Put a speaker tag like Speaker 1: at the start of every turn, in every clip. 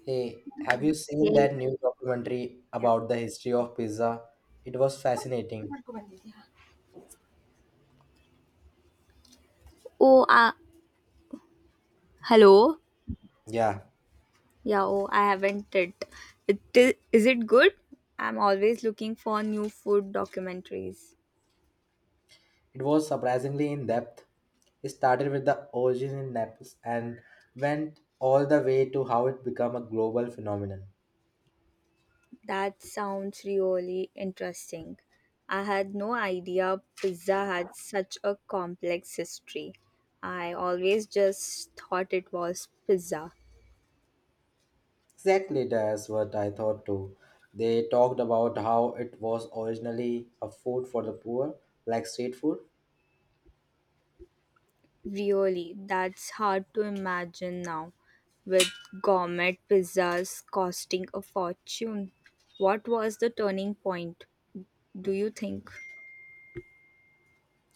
Speaker 1: Hey, have you seen
Speaker 2: Okay.
Speaker 1: that new documentary about the history of pizza? It was fascinating.
Speaker 2: Oh, hello.
Speaker 1: Yeah,
Speaker 2: Yeah, oh, I haven't it. Is it good? I'm always looking for new food documentaries.
Speaker 1: it was surprisingly in depth. It started with the origin in Naples and went all the way to how it became a global phenomenon.
Speaker 2: That sounds really interesting. I had no idea pizza had such a complex history. I always just thought it was pizza.
Speaker 1: Exactly, that's what I thought too. They talked about how it was originally a food for the poor, like street food.
Speaker 2: Really, that's hard to imagine now with gourmet pizzas costing a fortune. What was the turning point, do you think?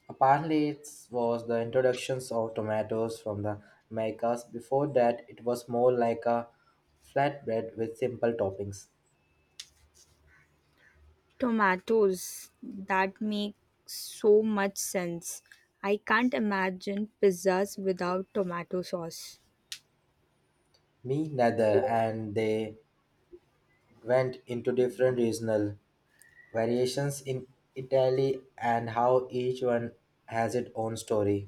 Speaker 1: Apparently, it was the introductions of tomatoes from the Americas. Before that, it was more like a flatbread with simple toppings.
Speaker 2: Tomatoes. That makes so much sense. I can't imagine pizzas without tomato sauce.
Speaker 1: Me neither, and they went into different regional variations in Italy and how each one has its own story.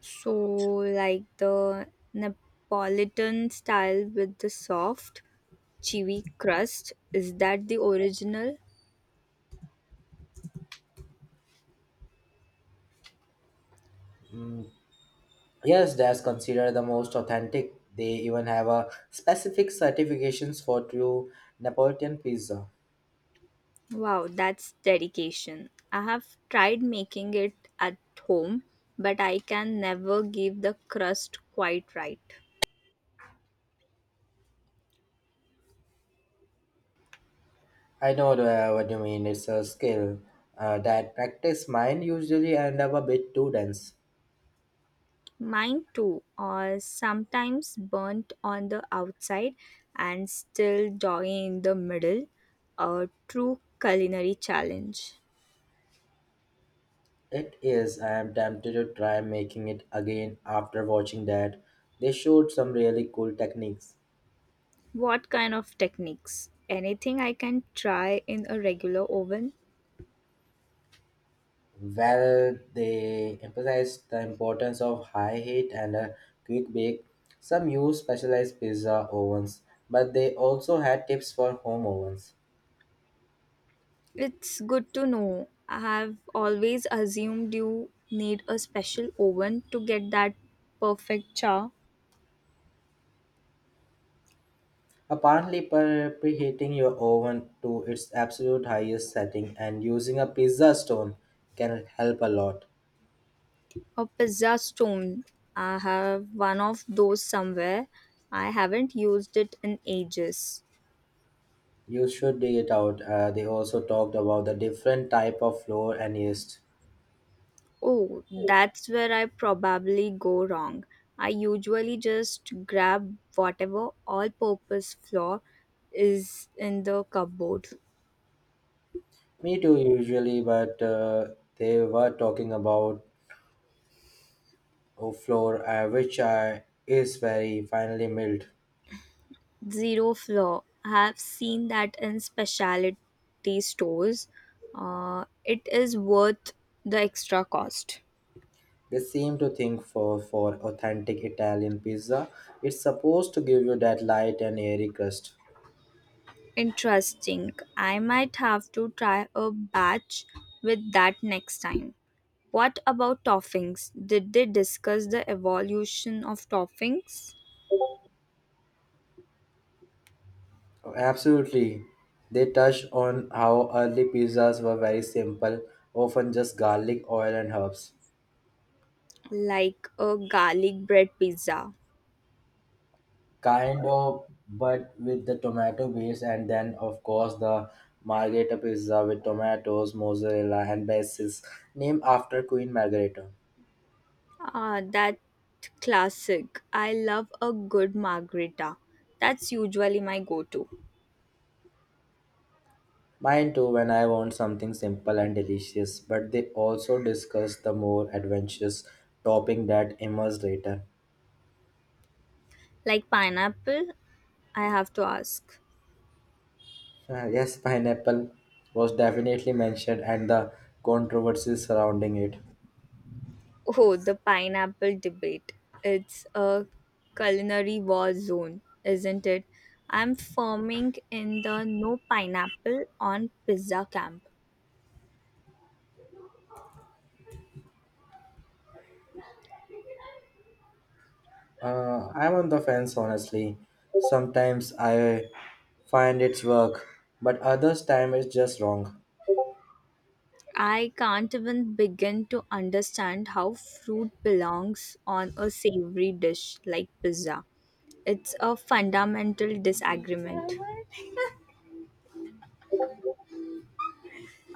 Speaker 2: So, like the Neapolitan style with the soft, chewy crust, is that the original?
Speaker 1: Mm. Yes, that's considered the most authentic. They even have a specific certifications for true Neapolitan pizza.
Speaker 2: Wow, that's dedication. I have tried making it at home, but I can never give the crust quite right.
Speaker 1: I know the, what you mean. It's a skill that practice mine usually end up a bit too dense.
Speaker 2: Mine too, or sometimes burnt on the outside and still doggy in the middle. A true culinary challenge.
Speaker 1: It is. I am tempted to try making it again after watching that. They showed some really cool techniques.
Speaker 2: What kind of techniques? Anything I can try in a regular oven?
Speaker 1: Well, they emphasized the importance of high heat and a quick bake. Some use specialized pizza ovens, but they also had tips for home ovens.
Speaker 2: It's good to know. I have always assumed you need a special oven to get that perfect char.
Speaker 1: Apparently, preheating your oven to its absolute highest setting and using a pizza stone can help a lot.
Speaker 2: A pizza stone. I have one of those somewhere. I haven't used it in ages.
Speaker 1: You should dig it out. They also talked about the different type of flour and yeast.
Speaker 2: Oh, that's where I probably go wrong. I usually just grab whatever all purpose flour is in the cupboard.
Speaker 1: Me too, usually, but they were talking about a flour which is very finely milled.
Speaker 2: Zero flour. I have seen that in specialty stores. It is worth the extra cost.
Speaker 1: They seem to think for authentic Italian pizza, it's supposed to give you that light and airy crust.
Speaker 2: Interesting. I might have to try a batch with that next time. What about toppings? Did they discuss the evolution of toppings?
Speaker 1: Absolutely. They touched on how early pizzas were very simple, often just garlic, oil, and herbs.
Speaker 2: Like a garlic bread pizza.
Speaker 1: Kind of, but with the tomato base, and then, of course, the margherita pizza with tomatoes, mozzarella, and bases, named after Queen Margherita.
Speaker 2: Ah, that classic. I love a good margarita. That's usually my go to.
Speaker 1: Mine too, when I want something simple and delicious, but they also discuss the more adventurous topping that emerged later.
Speaker 2: Like pineapple, I have to ask.
Speaker 1: Yes, pineapple was definitely mentioned and the controversies surrounding it.
Speaker 2: Oh, the pineapple debate. It's a culinary war zone, isn't it? I'm forming in the no pineapple on pizza camp.
Speaker 1: I'm on the fence, honestly. Sometimes I find its work, but others time it's just wrong.
Speaker 2: I can't even begin to understand how fruit belongs on a savory dish like pizza. It's a fundamental disagreement.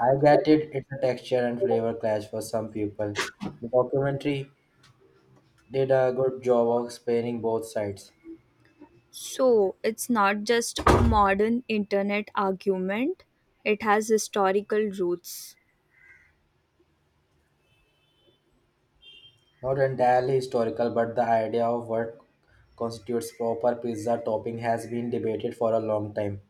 Speaker 1: I get it, it's a texture and flavor clash for some people. The documentary did a good job of explaining both sides.
Speaker 2: So, it's not just a modern internet argument, it has historical roots.
Speaker 1: Not entirely historical, but the idea of what constitutes proper pizza topping has been debated for a long time.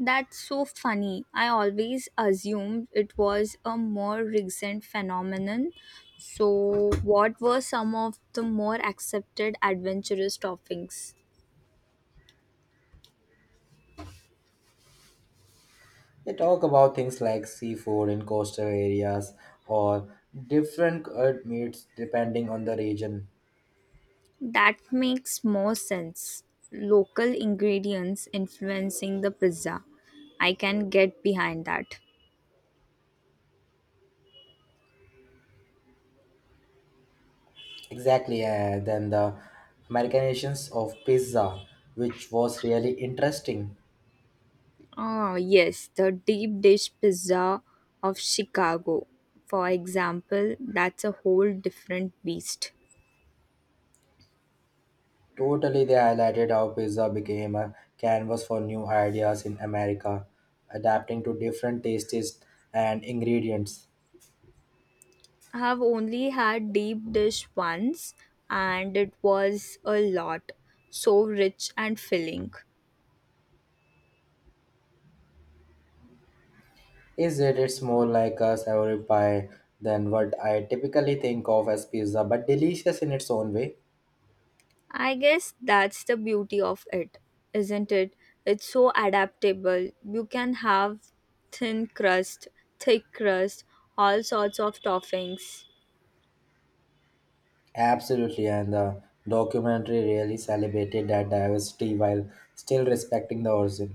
Speaker 2: That's so funny. I always assumed it was a more recent phenomenon. So, what were some of the more accepted adventurous toppings?
Speaker 1: They talk about things like seafood in coastal areas or different cured meats depending on the region.
Speaker 2: That makes more sense. Local ingredients influencing the pizza. I can get behind that.
Speaker 1: Exactly, then the Americanizations of pizza, which was really interesting.
Speaker 2: Ah, yes, the deep dish pizza of Chicago, for example, that's a whole different beast.
Speaker 1: Totally, they highlighted how pizza became a canvas for new ideas in America, adapting to different tastes and ingredients.
Speaker 2: I have only had deep dish once and it was a lot, so rich and filling.
Speaker 1: Is it? It's more like a savory pie than what I typically think of as pizza, but delicious in its own way.
Speaker 2: I guess that's the beauty of it, isn't it? It's so adaptable. You can have thin crust, thick crust, all sorts of toppings.
Speaker 1: Absolutely, and the documentary really celebrated that diversity while still respecting the origin.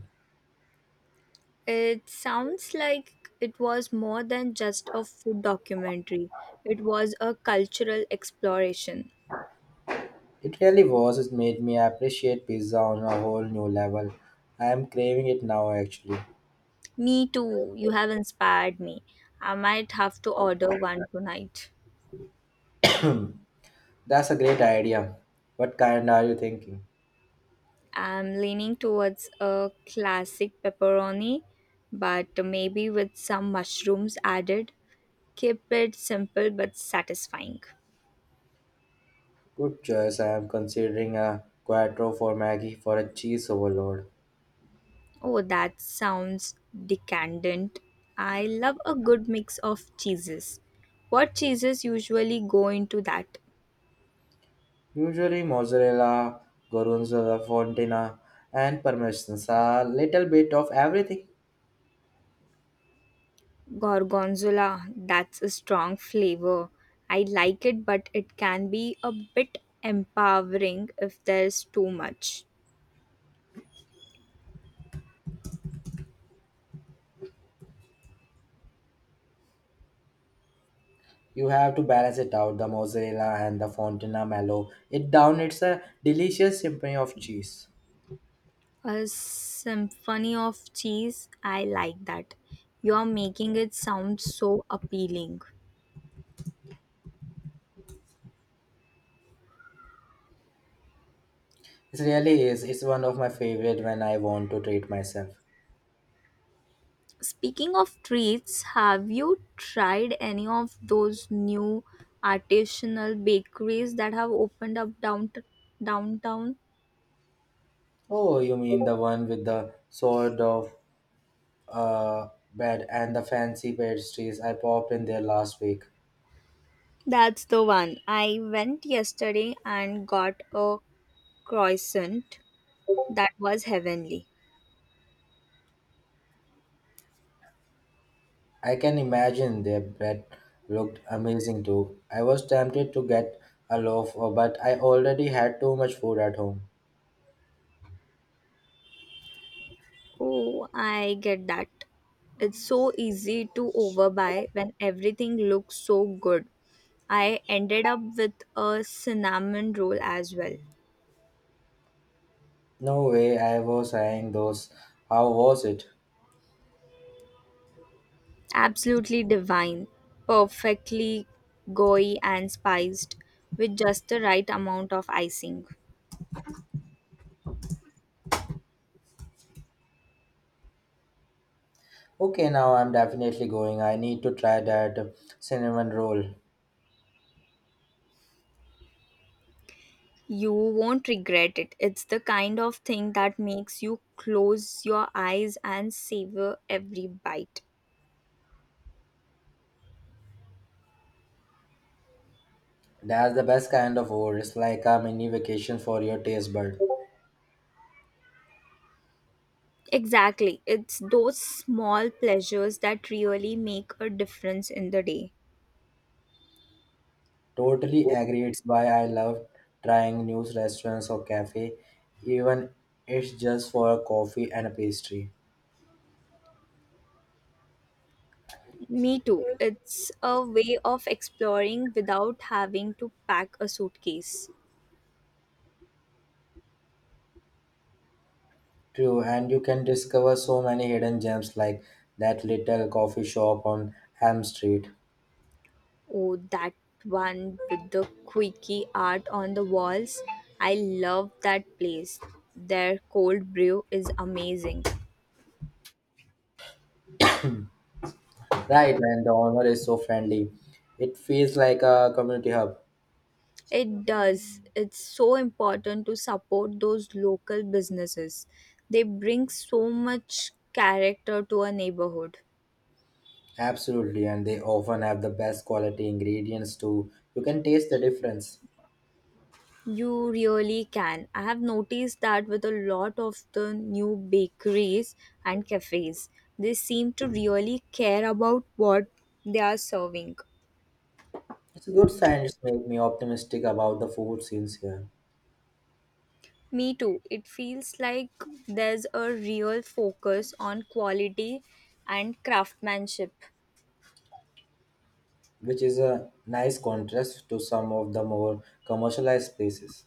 Speaker 2: It sounds like it was more than just a food documentary, it was a cultural exploration.
Speaker 1: It really was, it made me appreciate pizza on a whole new level. I am craving it now actually.
Speaker 2: Me too, you have inspired me. I might have to order one tonight.
Speaker 1: That's a great idea. What kind are you thinking?
Speaker 2: I'm leaning towards a classic pepperoni, but maybe with some mushrooms added. Keep it simple but satisfying.
Speaker 1: Good choice, I am considering a quattro for Maggie for a cheese overload.
Speaker 2: Oh, that sounds decadent. I love a good mix of cheeses. What cheeses usually go into that?
Speaker 1: Usually mozzarella, gorgonzola, fontina, and parmesan, a little bit of everything.
Speaker 2: Gorgonzola, that's a strong flavor. I like it, but it can be a bit empowering if there's too much.
Speaker 1: You have to balance it out, the mozzarella and the fontina mellow it down. It's a delicious symphony of cheese.
Speaker 2: A symphony of cheese. I like that. You're making it sound so appealing.
Speaker 1: It really is. It's one of my favorite when I want to treat myself.
Speaker 2: Speaking of treats, have you tried any of those new artisanal bakeries that have opened up downtown?
Speaker 1: Oh, you mean the one with the sort of bread and the fancy pastries I popped in there last week.
Speaker 2: That's the one. I went yesterday and got a croissant that was heavenly.
Speaker 1: I can imagine their bread looked amazing too. I was tempted to get a loaf, but I already had too much food at home.
Speaker 2: Oh, I get that. It's so easy to overbuy when everything looks so good. I ended up with a cinnamon roll as well.
Speaker 1: No way, I was saying those. How was it?
Speaker 2: Absolutely divine, perfectly gooey and spiced with just the right amount of icing.
Speaker 1: Okay, now I'm definitely going. I need to try that cinnamon roll.
Speaker 2: You won't regret it. It's the kind of thing that makes you close your eyes and savor every bite.
Speaker 1: That's the best kind of roll. It's like a mini vacation for your taste bud.
Speaker 2: Exactly. It's those small pleasures that really make a difference in the day.
Speaker 1: Totally agree. It's why I love trying new restaurants or cafe, even it's just for a coffee and a pastry.
Speaker 2: Me too. It's a way of exploring without having to pack a suitcase.
Speaker 1: True, and you can discover so many hidden gems like that little coffee shop on Elm Street.
Speaker 2: Oh, that one with the quirky art on the walls. I love that place. Their cold brew is amazing.
Speaker 1: Right, and the owner is so friendly. It feels like a community hub.
Speaker 2: It does. It's so important to support those local businesses. They bring so much character to a neighborhood.
Speaker 1: Absolutely, and they often have the best quality ingredients too. You can taste the difference.
Speaker 2: You really can. I have noticed that with a lot of the new bakeries and cafes. They seem to really care about what they are serving.
Speaker 1: It's a good sign. It's made me optimistic about the food scenes here,
Speaker 2: Me too. It feels like there's a real focus on quality and craftsmanship.
Speaker 1: which is a nice contrast to some of the more commercialized places.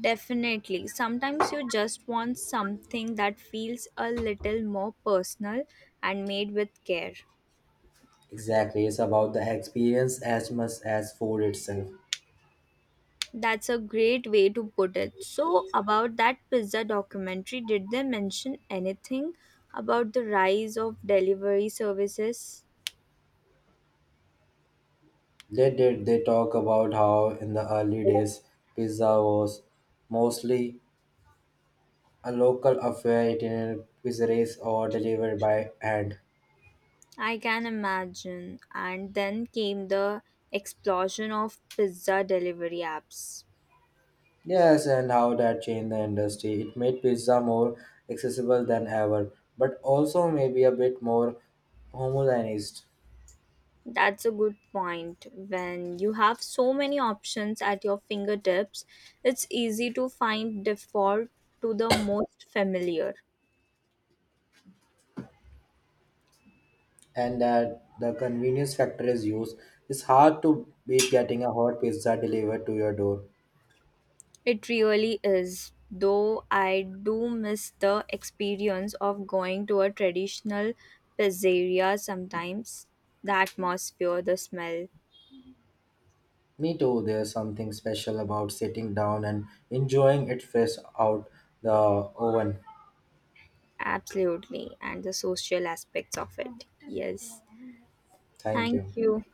Speaker 2: Definitely. Sometimes you just want something that feels a little more personal and made with care.
Speaker 1: Exactly, it's about the experience as much as food itself.
Speaker 2: That's a great way to put it. So, about that pizza documentary, did they mention anything about the rise of delivery services?
Speaker 1: They did. They talk about how in the early days pizza was mostly a local affair, eaten in pizzeries or delivered by hand.
Speaker 2: I can imagine. And then came the explosion of pizza delivery apps.
Speaker 1: Yes, and how that changed the industry. It made pizza more accessible than ever, but also maybe a bit more homogenized.
Speaker 2: That's a good point. When you have so many options at your fingertips, it's easy to find default to the most familiar.
Speaker 1: And that the convenience factor is used. It's hard to beat getting a hot pizza delivered to your door.
Speaker 2: It really is, though I do miss the experience of going to a traditional pizzeria sometimes. The atmosphere, the smell,
Speaker 1: Me too, there's something special about sitting down and enjoying it fresh out the oven.
Speaker 2: absolutely, and the social aspects of it. Yes.
Speaker 1: Thank
Speaker 2: Thank
Speaker 1: you.
Speaker 2: you.